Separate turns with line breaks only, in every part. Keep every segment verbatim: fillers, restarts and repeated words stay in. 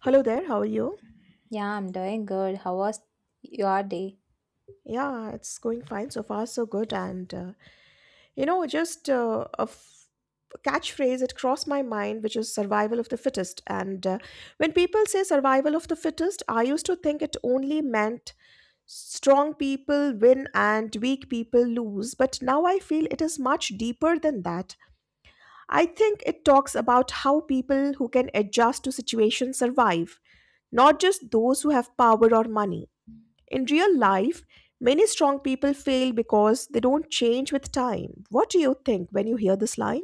Hello there, how are you?
Yeah, I'm doing good. How was your day?
Yeah, it's going fine so far, so good. And uh, you know, just uh, a f- Catchphrase. It crossed my mind, which is survival of the fittest. And uh, when people say survival of the fittest, I used to think it only meant strong people win and weak people lose. But now I feel it is much deeper than that. I think it talks about how people who can adjust to situations survive, not just those who have power or money. In real life, many strong people fail because they don't change with time. What do you think when you hear this line?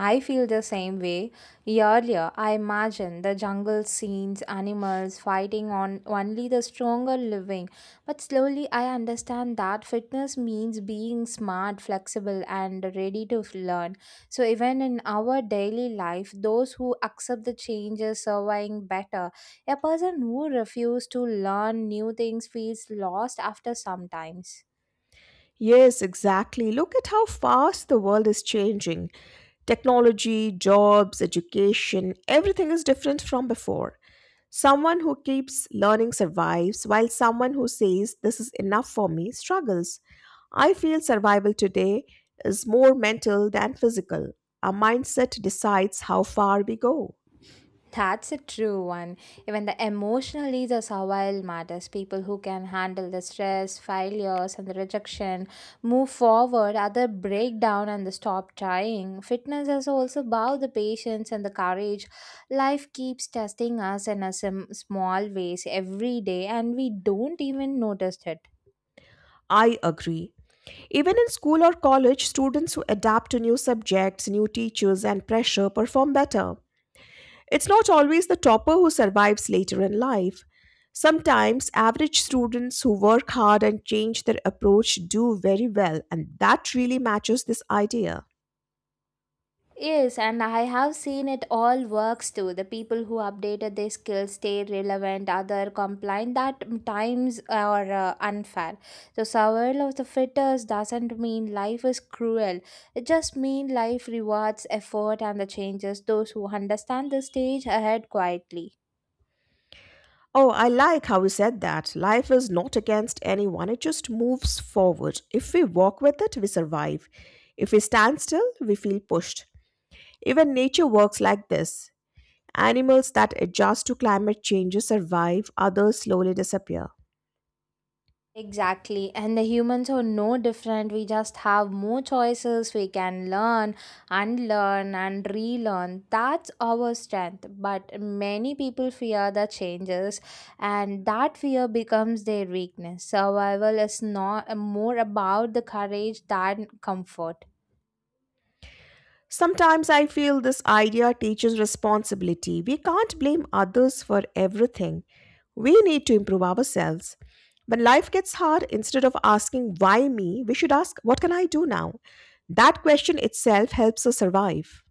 I feel the same way. Earlier, I imagined the jungle scenes, animals fighting on only the stronger living. But slowly, I understand that fitness means being smart, flexible, and ready to learn. So, even in our daily life, those who accept the change are surviving better. A person who refuses to learn new things feels lost after some times.
Yes, exactly. Look at how fast the world is changing. Technology, jobs, education, everything is different from before. Someone who keeps learning survives, while someone who says, This is enough for me, struggles. I feel survival today is more mental than physical. Our mindset decides how far we go.
That's a true one. Even the emotional leaders are wild matters. People who can handle the stress, failures, and the rejection, move forward, other break down and the stop trying. Fitness is also about the patience and the courage. Life keeps testing us in a sim- small ways every day, and we don't even notice it.
I agree. Even in school or college, students who adapt to new subjects, new teachers, and pressure perform better. It's not always the topper who survives later in life. Sometimes, average students who work hard and change their approach do very well, and that really matches this idea.
Yes, and I have seen it all works too. The people who updated their skills stay relevant, other complain that times are uh, unfair. The survival of the fittest doesn't mean life is cruel. It just means life rewards effort and the changes. Those who understand the stage ahead quietly.
Oh, I like how you said that. Life is not against anyone, it just moves forward. If we walk with it, we survive. If we stand still, we feel pushed. Even nature works like this. Animals that adjust to climate changes survive, others slowly disappear.
Exactly, and the humans are no different. We just have more choices. We can learn, unlearn, and relearn. That's our strength. But many people fear the changes, and that fear becomes their weakness. Survival is not more about the courage than comfort.
Sometimes I feel this idea teaches responsibility. We can't blame others for everything. We need to improve ourselves. When life gets hard, instead of asking why me, we should ask what can I do now? That question itself helps us survive.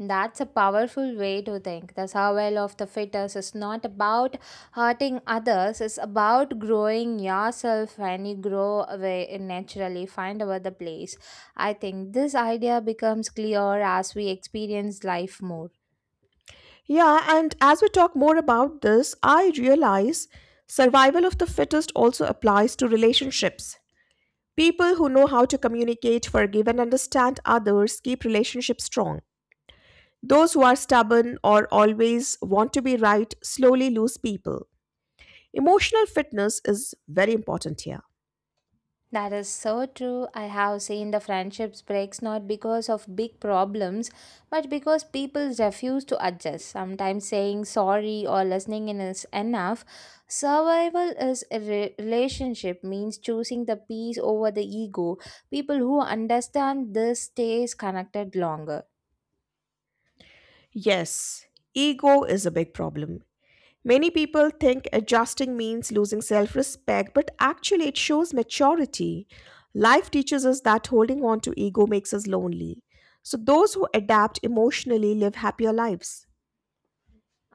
That's a powerful way to think. The survival of the fittest is not about hurting others, it's about growing yourself and you grow away naturally, find out the place. I think this idea becomes clear as we experience life more.
Yeah, and as we talk more about this, I realize survival of the fittest also applies to relationships. People who know how to communicate, forgive, and understand others keep relationships strong. Those who are stubborn or always want to be right slowly lose people. Emotional fitness is very important here.
That is so true. I have seen the friendships breaks not because of big problems, but because people refuse to adjust. Sometimes saying sorry or listening in is enough. Survival is a re- relationship means choosing the peace over the ego. People who understand this stays connected longer.
Yes, ego is a big problem. Many people think adjusting means losing self respect, but actually, it shows maturity. Life teaches us that holding on to ego makes us lonely. So, those who adapt emotionally live happier lives.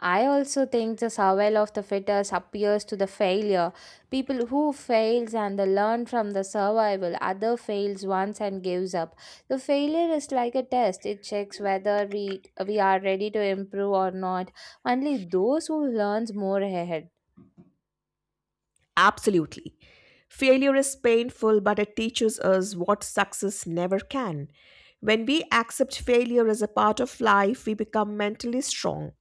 I also think the survival of the fittest appears to the failure. People who fails and they learn from the survival, other fails once and gives up. The failure is like a test. It checks whether we we are ready to improve or not. Only those who learns more ahead.
Absolutely. Failure is painful, but it teaches us what success never can. When we accept failure as a part of life, we become mentally strong,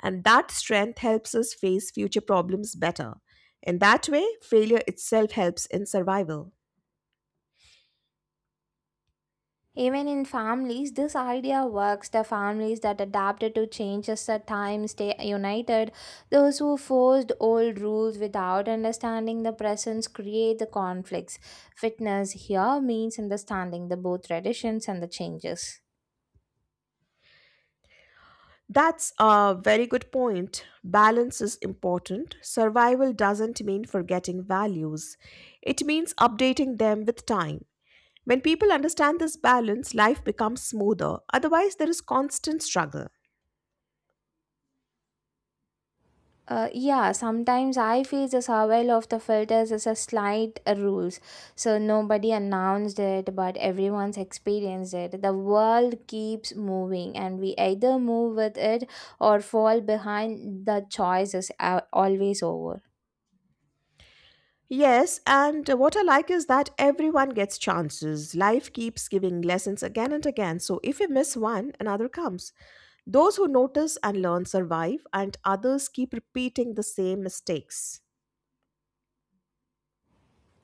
and that strength helps us face future problems better. In that way, failure itself helps in survival.
Even in families, this idea works. The families that adapted to changes at times stay united. Those who forced old rules without understanding the presence create the conflicts. Fitness here means understanding the both traditions and the changes.
That's a very good point. Balance is important. Survival doesn't mean forgetting values, it means updating them with time. When people understand this balance, life becomes smoother. Otherwise, there is constant struggle.
Uh, yeah, sometimes I feel the survival of the filters is a slight uh, rules. So nobody announced it, but everyone's experienced it. The world keeps moving, and we either move with it or fall behind. The choice is uh, always over.
Yes, and what I like is that everyone gets chances. Life keeps giving lessons again and again. So if you miss one, another comes. Those who notice and learn survive, and others keep repeating the same mistakes.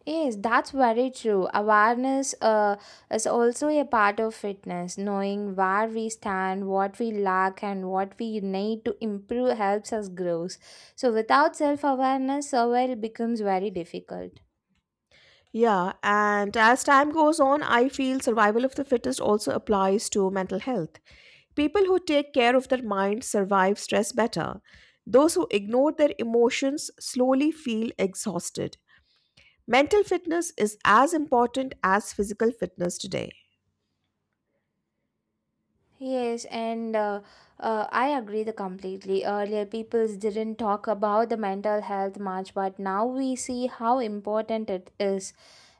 Yes, that's very true. Awareness uh, is also a part of fitness. Knowing where we stand, what we lack, and what we need to improve helps us grow. So, without self awareness, survival becomes very difficult.
Yeah, and as time goes on, I feel survival of the fittest also applies to mental health. People who take care of their mind survive stress better. Those who ignore their emotions slowly feel exhausted. Mental fitness is as important as physical fitness today.
Yes, and uh, uh, I agree the completely. Earlier, people didn't talk about the mental health much, but now we see how important it is.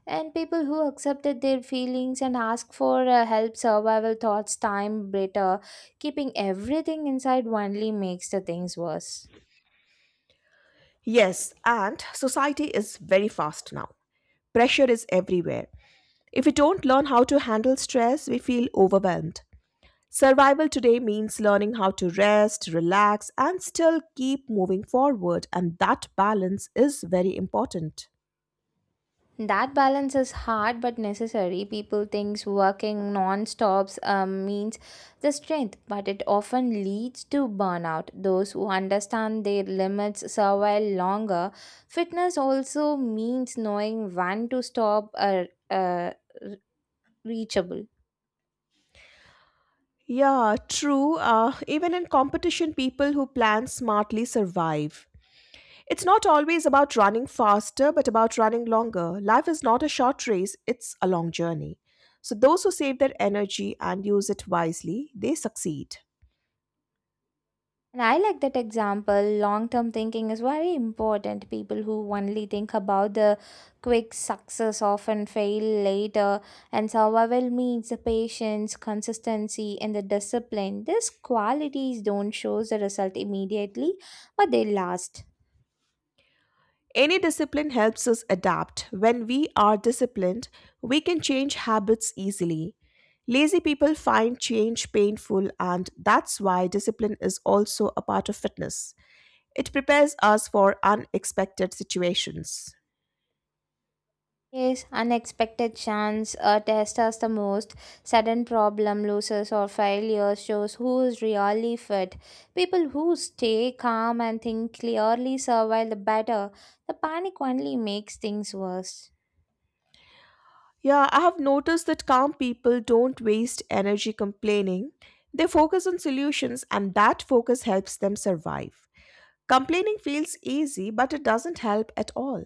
And people who accepted their feelings and asked for uh, help survival thoughts time better, keeping everything inside only makes the things worse.
Yes, and society is very fast now. Pressure is everywhere. If we don't learn how to handle stress, we feel overwhelmed. Survival today means learning how to rest, relax, and still keep moving forward, and that balance is very important.
That balance is hard but necessary. People thinks working non-stops um, means the strength, but it often leads to burnout. Those who understand their limits survive longer. Fitness also means knowing when to stop or uh, reachable.
Yeah, true. Uh, even in competition, people who plan smartly survive. It's not always about running faster, but about running longer. Life is not a short race, it's a long journey. So, those who save their energy and use it wisely, they succeed.
And I like that example. Long term thinking is very important. People who only think about the quick success often fail later, and survival means the patience, consistency, and the discipline. These qualities don't show the result immediately, but they last.
Any discipline helps us adapt. When we are disciplined, we can change habits easily. Lazy people find change painful, and that's why discipline is also a part of fitness. It prepares us for unexpected situations.
Yes, unexpected chance uh, tests us the most. Sudden problem, losses, or failure shows who is really fit. People who stay calm and think clearly survive the better. The panic only makes things worse.
Yeah, I have noticed that calm people don't waste energy complaining. They focus on solutions, and that focus helps them survive. Complaining feels easy, but it doesn't help at all.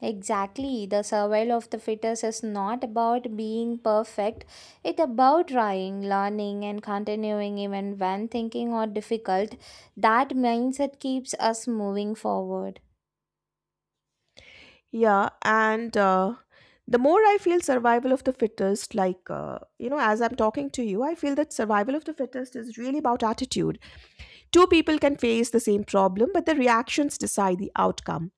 Exactly, the survival of the fittest is not about being perfect. It's about trying, learning, and continuing even when thinking are difficult. That mindset keeps us moving forward.
Yeah, and uh, The more I feel survival of the fittest, like, uh, you know, as I'm talking to you, I feel that survival of the fittest is really about attitude. Two people can face the same problem, but their reactions decide the outcome.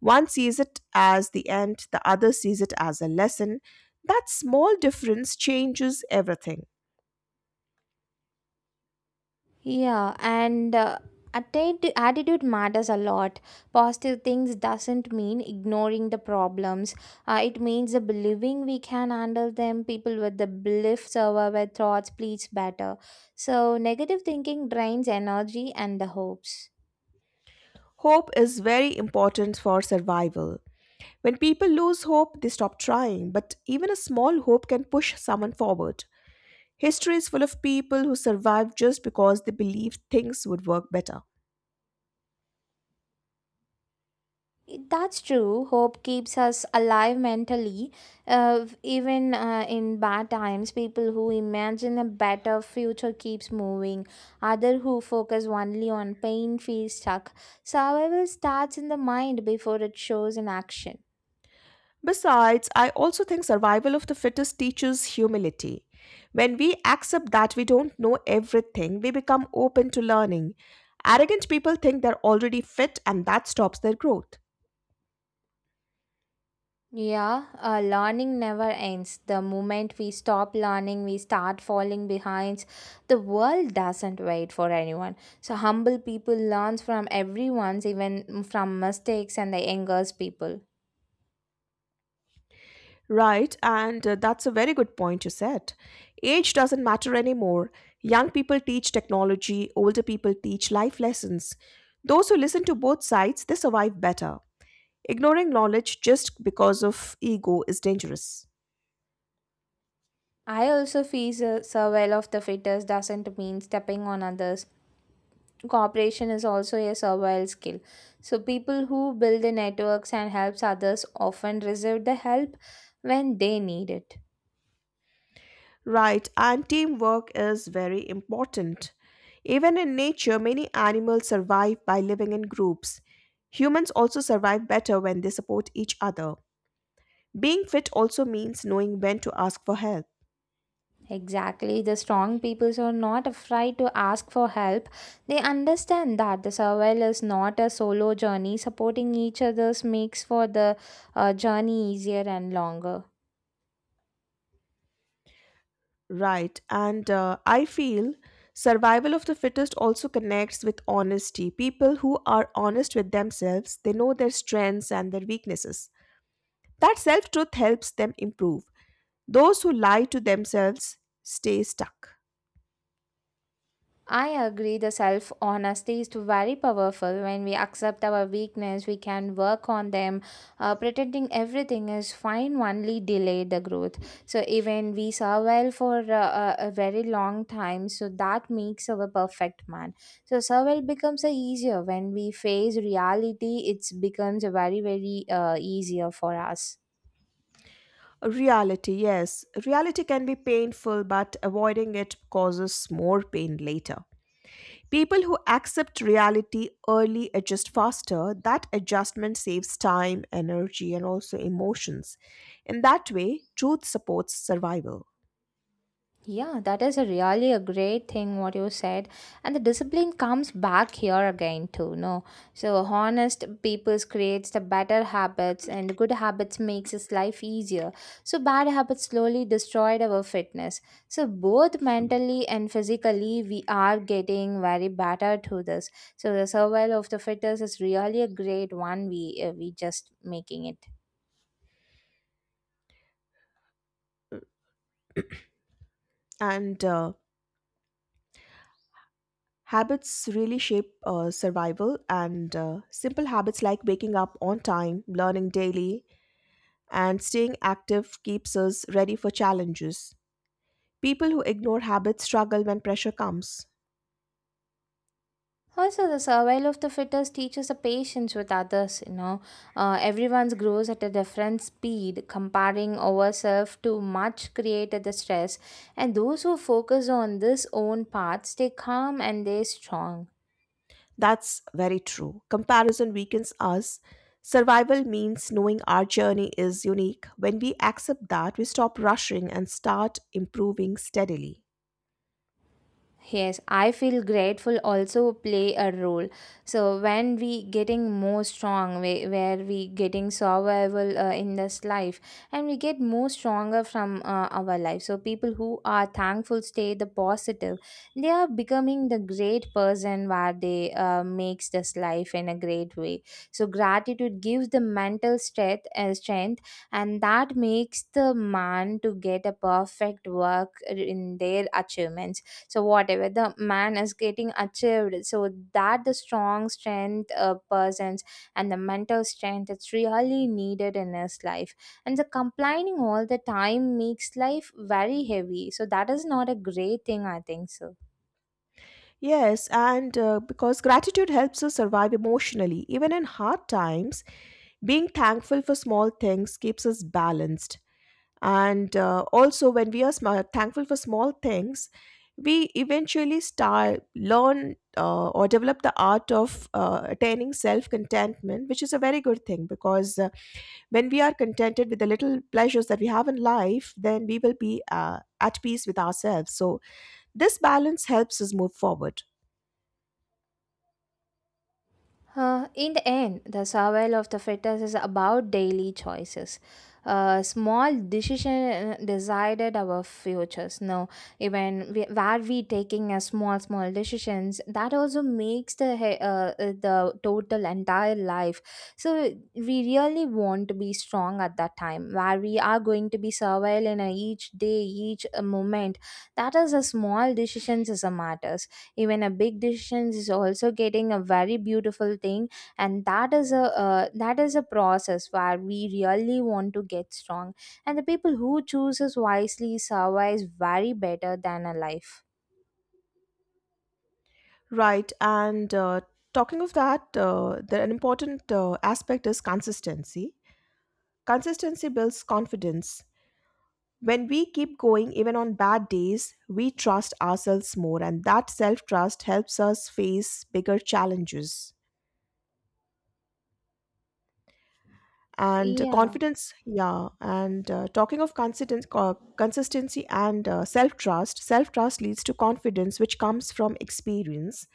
One sees it as the end, the other sees it as a lesson. That small difference changes everything.
Yeah, and uh, attitude attitude matters a lot. Positive things doesn't mean ignoring the problems. Uh, it means the believing we can handle them. People with the belief survive their thoughts pleads better. So negative thinking drains energy and the hopes.
Hope is very important for survival. When people lose hope, they stop trying, but even a small hope can push someone forward. History is full of people who survived just because they believed things would work better.
That's true. Hope keeps us alive mentally. Uh, even uh, in bad times, people who imagine a better future keeps moving. Other who focus only on pain feel stuck. Survival starts in the mind before it shows in action.
Besides, I also think survival of the fittest teaches humility. When we accept that we don't know everything, we become open to learning. Arrogant people think they're already fit and that stops their growth.
Yeah, uh, learning never ends. The moment we stop learning, we start falling behind. The world doesn't wait for anyone. So humble people learns from everyone's, even from mistakes and the angers people.
Right, and uh, that's a very good point you said. Age doesn't matter anymore. Young people teach technology, older people teach life lessons. Those who listen to both sides, they survive better. Ignoring knowledge just because of ego is dangerous.
I also feel the survival of the fittest doesn't mean stepping on others. Cooperation is also a survival skill. So people who build the networks and helps others often receive the help when they need it.
Right, and teamwork is very important. Even in nature, many animals survive by living in groups. Humans also survive better when they support each other. Being fit also means knowing when to ask for help.
Exactly. The strong peoples are not afraid to ask for help. They understand that the survival is not a solo journey. Supporting each other's makes for the uh, journey easier and longer.
Right, and uh, I feel survival of the fittest also connects with honesty. People who are honest with themselves, they know their strengths and their weaknesses. That self truth helps them improve. Those who lie to themselves stay stuck.
I agree the self honesty is very powerful. When we accept our weakness, we can work on them. Uh, pretending everything is fine only delay the growth. So even we survive for uh, a, a very long time, so that makes our perfect man. So survival becomes uh, easier when we face reality. It becomes very very uh, easier for us.
Reality, yes, reality can be painful, but avoiding it causes more pain later. People who accept reality early adjust faster. That adjustment saves time, energy, and also emotions. In that way, truth supports survival.
Yeah, that is a really a great thing what you said. And the discipline comes back here again too, no? So honest people creates the better habits and the good habits makes his life easier. So bad habits slowly destroyed our fitness. So both mentally and physically we are getting very better to this. So the survival of the fittest is really a great one we uh, we just making it.
And uh, habits really shape uh, survival, and uh, simple habits like waking up on time, learning daily, and staying active keeps us ready for challenges. People who ignore habits struggle when pressure comes.
Also, the survival of the fittest teaches the patience with others. You know, uh, everyone's grows at a different speed. Comparing ourselves too much created the stress, and those who focus on this own path stay calm and they strong.
That's very true. Comparison weakens us. Survival means knowing our journey is unique. When we accept that, we stop rushing and start improving steadily.
Yes, I feel grateful also play a role. So when we getting more strong, whe- where we getting survival uh, in this life, and we get more stronger from uh, our life. So people who are thankful stay the positive. They are becoming the great person where they uh, makes this life in a great way. So gratitude gives the mental strength, uh, strength, and that makes the man to get a perfect work in their achievements. So whatever the man is getting achieved, so that the strong strength uh, persons and the mental strength that's really needed in his life. And the complaining all the time makes life very heavy, so that is not a great thing I think so.
Yes, and uh, because gratitude helps us survive emotionally, even in hard times, being thankful for small things keeps us balanced. and uh, also when we are sma thankful for small things, we eventually start learn uh, or develop the art of uh, attaining self contentment, which is a very good thing, because uh, when we are contented with the little pleasures that we have in life, then we will be uh, at peace with ourselves. So this balance helps us move forward.
Uh, in the end, the survival of the fetus is about daily choices. Uh, small decision decided our futures. Now, even we, where we taking a small, small decisions, that also makes the he- uh, uh, the total entire life. So we really want to be strong at that time, where we are going to be survival in a each day, each uh, moment. That is a small decisions as a matter. Even a big decision is also getting a very beautiful thing, and that is a uh, that is a process where we really want to get strong, and the people who chooses wisely survives very better than a life.
Right, and uh, talking of that, uh, the an important uh, aspect is consistency consistency builds confidence. When we keep going, even on bad days, we trust ourselves more, and that self trust helps us face bigger challenges. And uh,
Yeah,
Confidence, yeah. And uh, talking of consisten- co- consistency and uh, self trust, self trust leads to confidence, which comes from experience.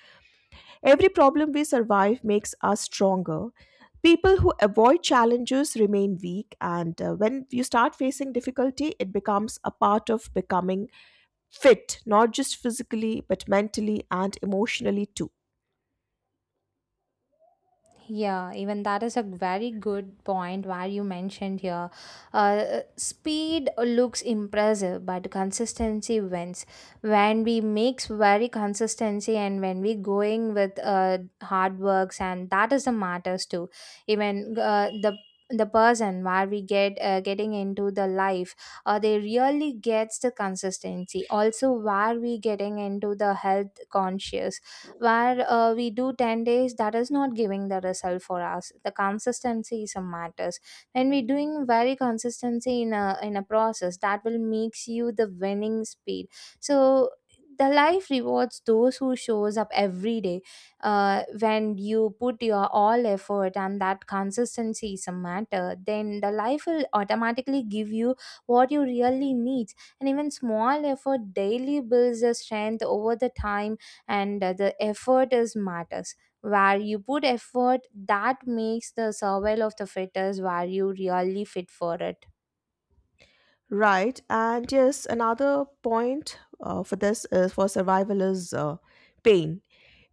Every problem we survive makes us stronger. People who avoid challenges remain weak, and uh, when you start facing difficulty, it becomes a part of becoming fit, not just physically, but mentally and emotionally too.
Yeah, even that is a very good point where you mentioned here. Uh, speed looks impressive, but consistency wins. When we mix very consistency and when we going with uh, hard works, and that is the matters too. Even uh, the the person where we get uh, getting into the life, uh, they really gets the consistency also where we getting into the health conscious, where uh, we do ten days that is not giving the result for us. The consistency is a matters. When we doing very consistency in a in a process, that will makes you the winning speed. So the life rewards those who shows up every day. Uh, when you put your all effort and that consistency is a matter, then the life will automatically give you what you really need. And even small effort daily builds the strength over the time. And uh, the effort is matters. Where you put effort, that makes the survival of the fittest, where you really fit for it.
Right. And yes, another point uh, for this is for survival is uh, pain.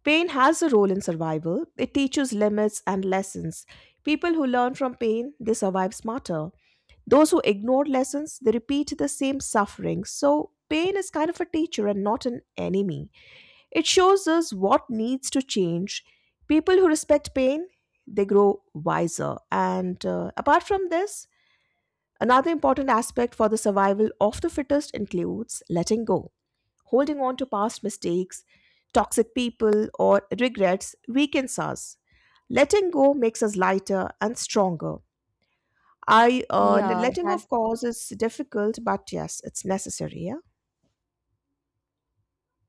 Pain has a role in survival. It teaches limits and lessons. People who learn from pain, they survive smarter. Those who ignore lessons, they repeat the same suffering. So pain is kind of a teacher and not an enemy. It shows us what needs to change. People who respect pain, they grow wiser. And uh, apart from this, another important aspect for the survival of the fittest includes letting go. Holding on to past mistakes, toxic people, or regrets weakens us. Letting go makes us lighter and stronger. I uh, le-
yeah
letting,
that
of course, is difficult, but yes, it's necessary. Yeah.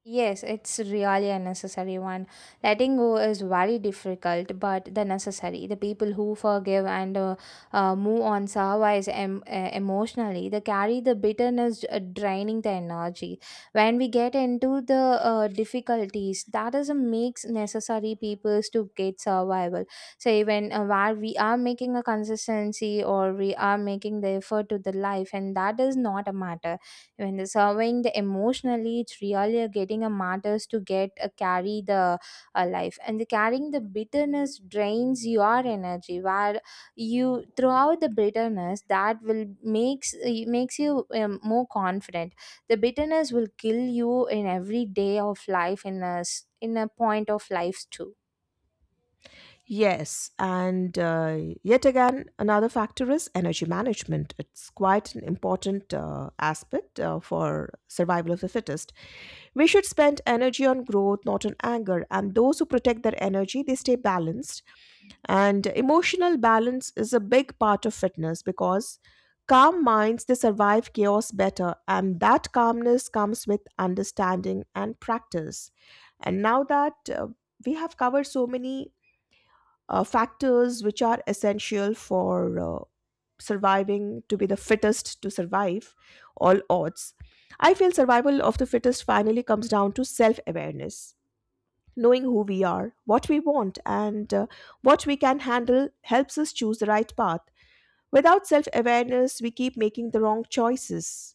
Yes, it's really a necessary one. Letting go is very difficult, but the necessary. The people who forgive and uh, uh, move on survives em- uh, emotionally. They carry the bitterness, uh, draining the energy. When we get into the uh, difficulties, that is a makes necessary peoples to get survival. So even uh, where we are making a consistency or we are making the effort to the life, and that is not a matter when the serving the emotionally it's really getting a matters to get a carry the uh, life, and the carrying the bitterness drains your energy where you throughout the bitterness that will makes makes you um, more confident. The bitterness will kill you in every day of life in a s- in a point of life too.
Yes, and uh, yet again, another factor is energy management. It's quite an important uh, aspect uh, for survival of the fittest. We should spend energy on growth, not on anger. And those who protect their energy, they stay balanced. And emotional balance is a big part of fitness because calm minds they survive chaos better, and that calmness comes with understanding and practice. And now that uh, we have covered so many uh, factors which are essential for uh, surviving to be the fittest to survive all odds. I feel survival of the fittest finally comes down to self awareness. Knowing who we are, what we want, and uh, what we can handle helps us choose the right path. Without self awareness, we keep making the wrong choices.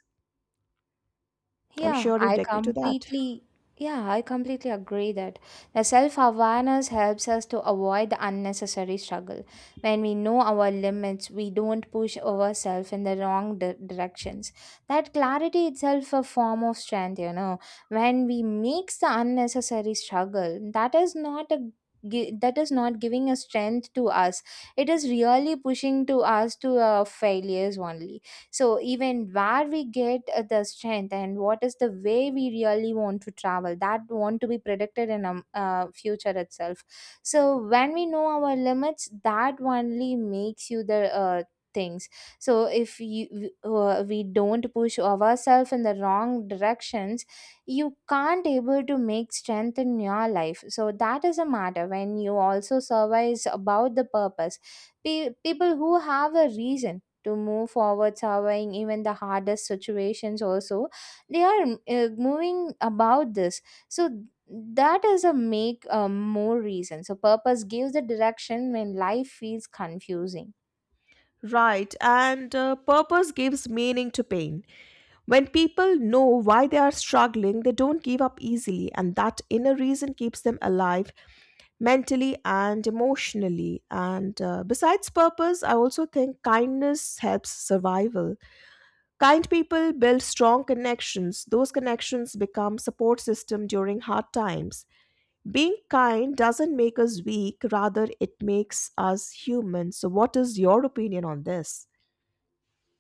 I'm
Yeah,
sure you'd
I
agree to that.
completely yeah, I completely agree that the self-awareness helps us to avoid the unnecessary struggle. When we know our limits, we don't push ourselves in the wrong di- directions. That clarity itself a form of strength, you know. When we mix the unnecessary struggle, that is not a gi- that is not giving a strength to us. It is really pushing to us to uh, failures only. So even where we get uh, the strength, and what is the way we really want to travel, that want to be predicted in um, uh, future itself. So when we know our limits, that only makes you the uh, things. So if you uh, we don't push ourselves in the wrong directions, you can't able to make strength in your life. So that is a matter when you also survive about the purpose. Pe- people who have a reason to move forward, surveying even the hardest situations also, they are uh, moving about this. So that is a make uh, more reason, so purpose gives the direction when life feels confusing.
Right, and uh, purpose gives meaning to pain. When people know why they are struggling, they don't give up easily, and that inner reason keeps them alive mentally and emotionally. And uh, besides purpose, I also think kindness helps survival. Kind people build strong connections. Those connections become support system during hard times. Being kind doesn't make us weak, rather it makes us human. So what is your opinion on this?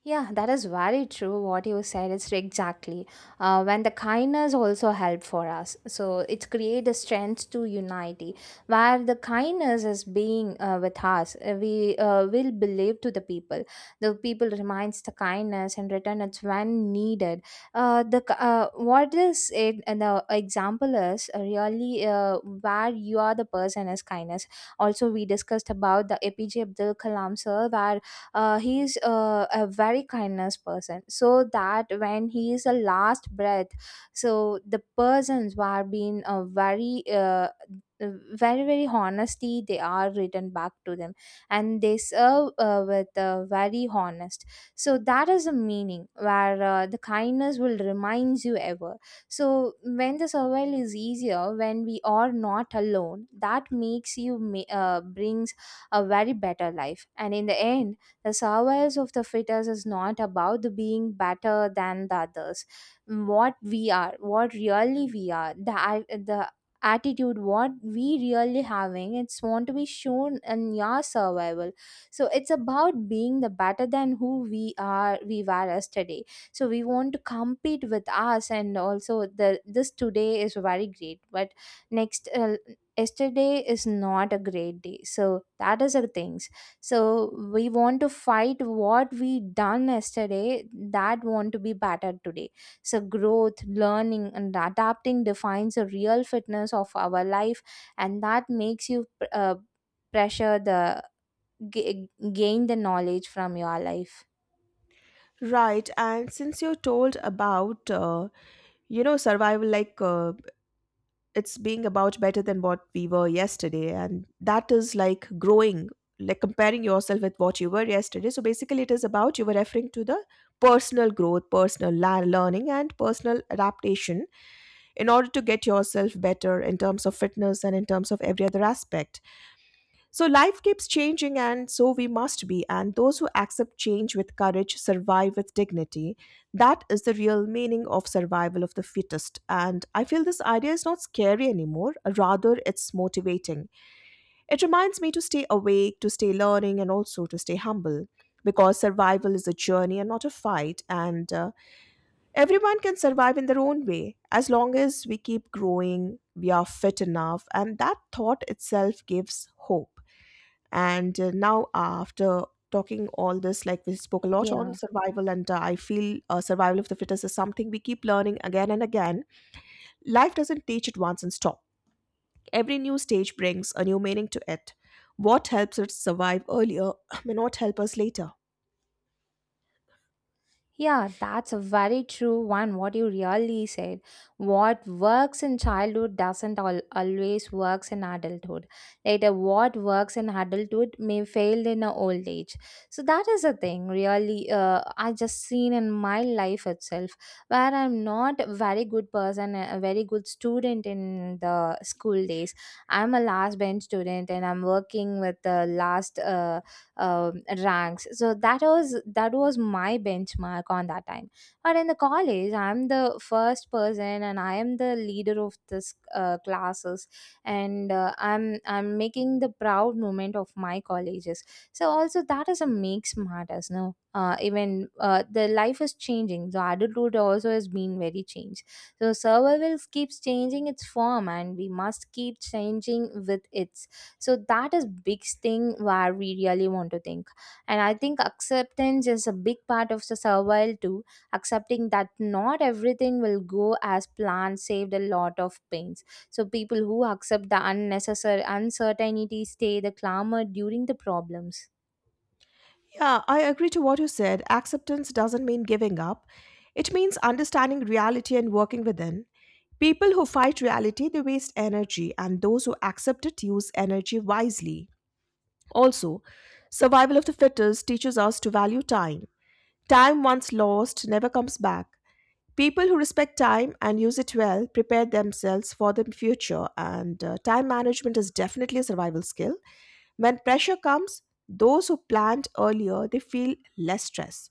Yeah, that is very true. What you said is exactly. Uh, when the kindness also help for us, so it create a strength to unity. Where the kindness is being uh, with us, uh, we uh, will believe to the people. The people reminds the kindness and return it when needed. Uh, the k- uh, what is it? And the example is uh, really uh, where you are the person is kindness. Also, we discussed about the A P J Abdul Kalam sir, where uh, he's uh, a very kindness person, so that when he is a last breath, so the persons who are being uh, very uh, very very honesty, they are written back to them, and they serve uh, with uh, very honest. So that is the meaning where uh, the kindness will remind you ever. So when the survival is easier, when we are not alone, that makes you ma- uh, brings a very better life. And in the end, the survival of the fittest is not about the being better than the others. What we are, what really we are, the at- the attitude what we really having, it's want to be shown in your survival. So it's about being the better than who we are we were yesterday. So we want to compete with us, and also the this today is very great, but next uh, yesterday is not a great day. So that is the things. So we want to fight what we done yesterday, that want to be better today. So growth, learning and adapting defines the real fitness of our life. And that makes you uh, pressure the g- gain the knowledge from your life.
Right, and since you told about uh, you know survival, like uh, it's being about better than what we were yesterday, and that is like growing, like comparing yourself with what you were yesterday. So basically it is about, you were referring to the personal growth, personal la- learning, and personal adaptation in order to get yourself better in terms of fitness and in terms of every other aspect. So life keeps changing, and so we must be. And those who accept change with courage survive with dignity. That is the real meaning of survival of the fittest. And I feel this idea is not scary anymore, rather, it's motivating. It reminds me to stay awake, to stay learning, and also to stay humble. Because survival is a journey and not a fight, and uh, everyone can survive in their own way as long as we keep growing, we are fit enough, and that thought itself gives hope. And uh, now, after talking all this, like we spoke a lot on
Yeah.
survival, and uh, I feel uh, survival of the fittest is something we keep learning again and again. Life doesn't teach it once and stop. Every new stage brings a new meaning to it. What helps us survive earlier may not help us later.
Yeah, that's a very true one. What you really said. What works in childhood doesn't al- always works in adulthood. Later, what works in adulthood may fail in a old age. So that is a thing. Really, uh, I just seen in my life itself where I'm not a very good person, a a very good student in the school days. I'm a last bench student, and I'm working with the last. Uh, um, ranks, so that was that was my benchmark on that time, but in the college, I'm the first person, and I am the leader of this uh, classes. And uh, i'm i'm making the proud moment of my colleges. So also that is a makes matters, no uh, even uh, the life is changing, the adulthood also has been very changed. So survival keeps changing its form, and we must keep changing with it. So that is big thing where we really want to think. And I think acceptance is a big part of the survival too. Accepting that not everything will go as planned saved a lot of pains. So people who accept the unnecessary uncertainty stay the clamor during the problems.
Yeah, I agree to what you said. Acceptance doesn't mean giving up. It means understanding reality and working within. People who fight reality, they waste energy, and those who accept it use energy wisely. Also, survival of the fittest teaches us to value time. Time once lost never comes back. People who respect time and use it well prepare themselves for the future, and uh, time management is definitely a survival skill. When pressure comes, those who planned earlier they feel less stress.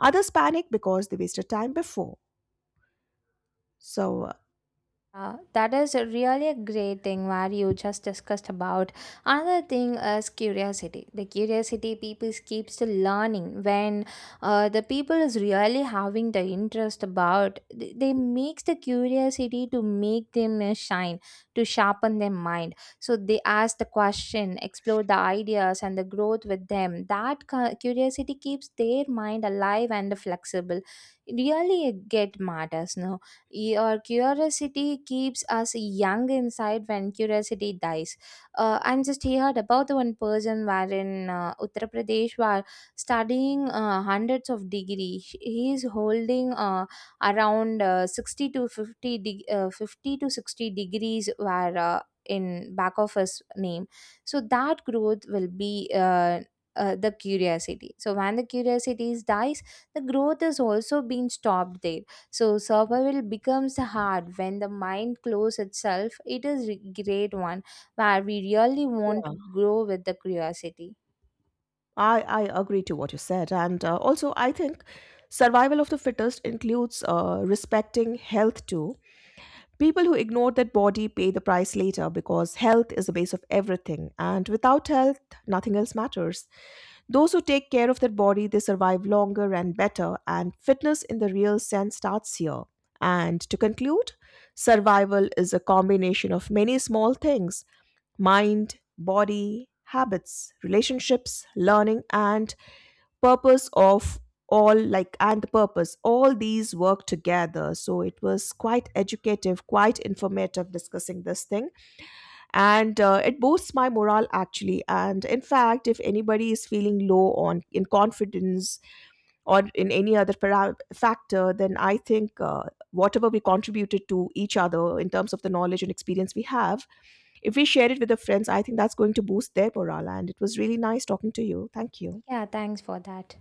Others panic because they wasted time before. So uh,
Uh, that is really a great thing where you just discussed about. Another thing is curiosity. The curiosity people keeps to learning when uh, the people is really having the interest about. They, they makes the curiosity to make them uh, shine, to sharpen their mind. So they ask the question, explore the ideas and the growth with them. That cu- curiosity keeps their mind alive and flexible. Really, it really get matters. No, your curiosity keeps us young inside when curiosity dies. Uh, I'm just heard about the one person where in uh, Uttar Pradesh were studying uh, hundreds of degree. He is holding uh, around uh, sixty to fifty, de- uh, fifty to sixty degrees were uh, in back of his name. So that growth will be uh, uh, the curiosity. So when the curiosity dies, the growth is also being stopped there. So survival becomes hard when the mind closes itself. It is a great one where we really want
yeah,
to grow with the curiosity.
I I agree to what you said, and uh, also I think survival of the fittest includes uh, respecting health too. People who ignore their body pay the price later, because health is the base of everything, and without health, nothing else matters. Those who take care of their body, they survive longer and better, and fitness in the real sense starts here. And to conclude, survival is a combination of many small things: mind, body, habits, relationships, learning, and purpose of all, like, and the purpose, all these work together. So it was quite educative, quite informative discussing this thing, and uh, it boosts my morale actually, and in fact, if anybody is feeling low on in confidence or in any other para- factor, then I think uh, whatever we contributed to each other in terms of the knowledge and experience we have, if we share it with the friends, I think that's going to boost their morale. And it was really nice talking to you. Thank you.
Yeah, thanks for that.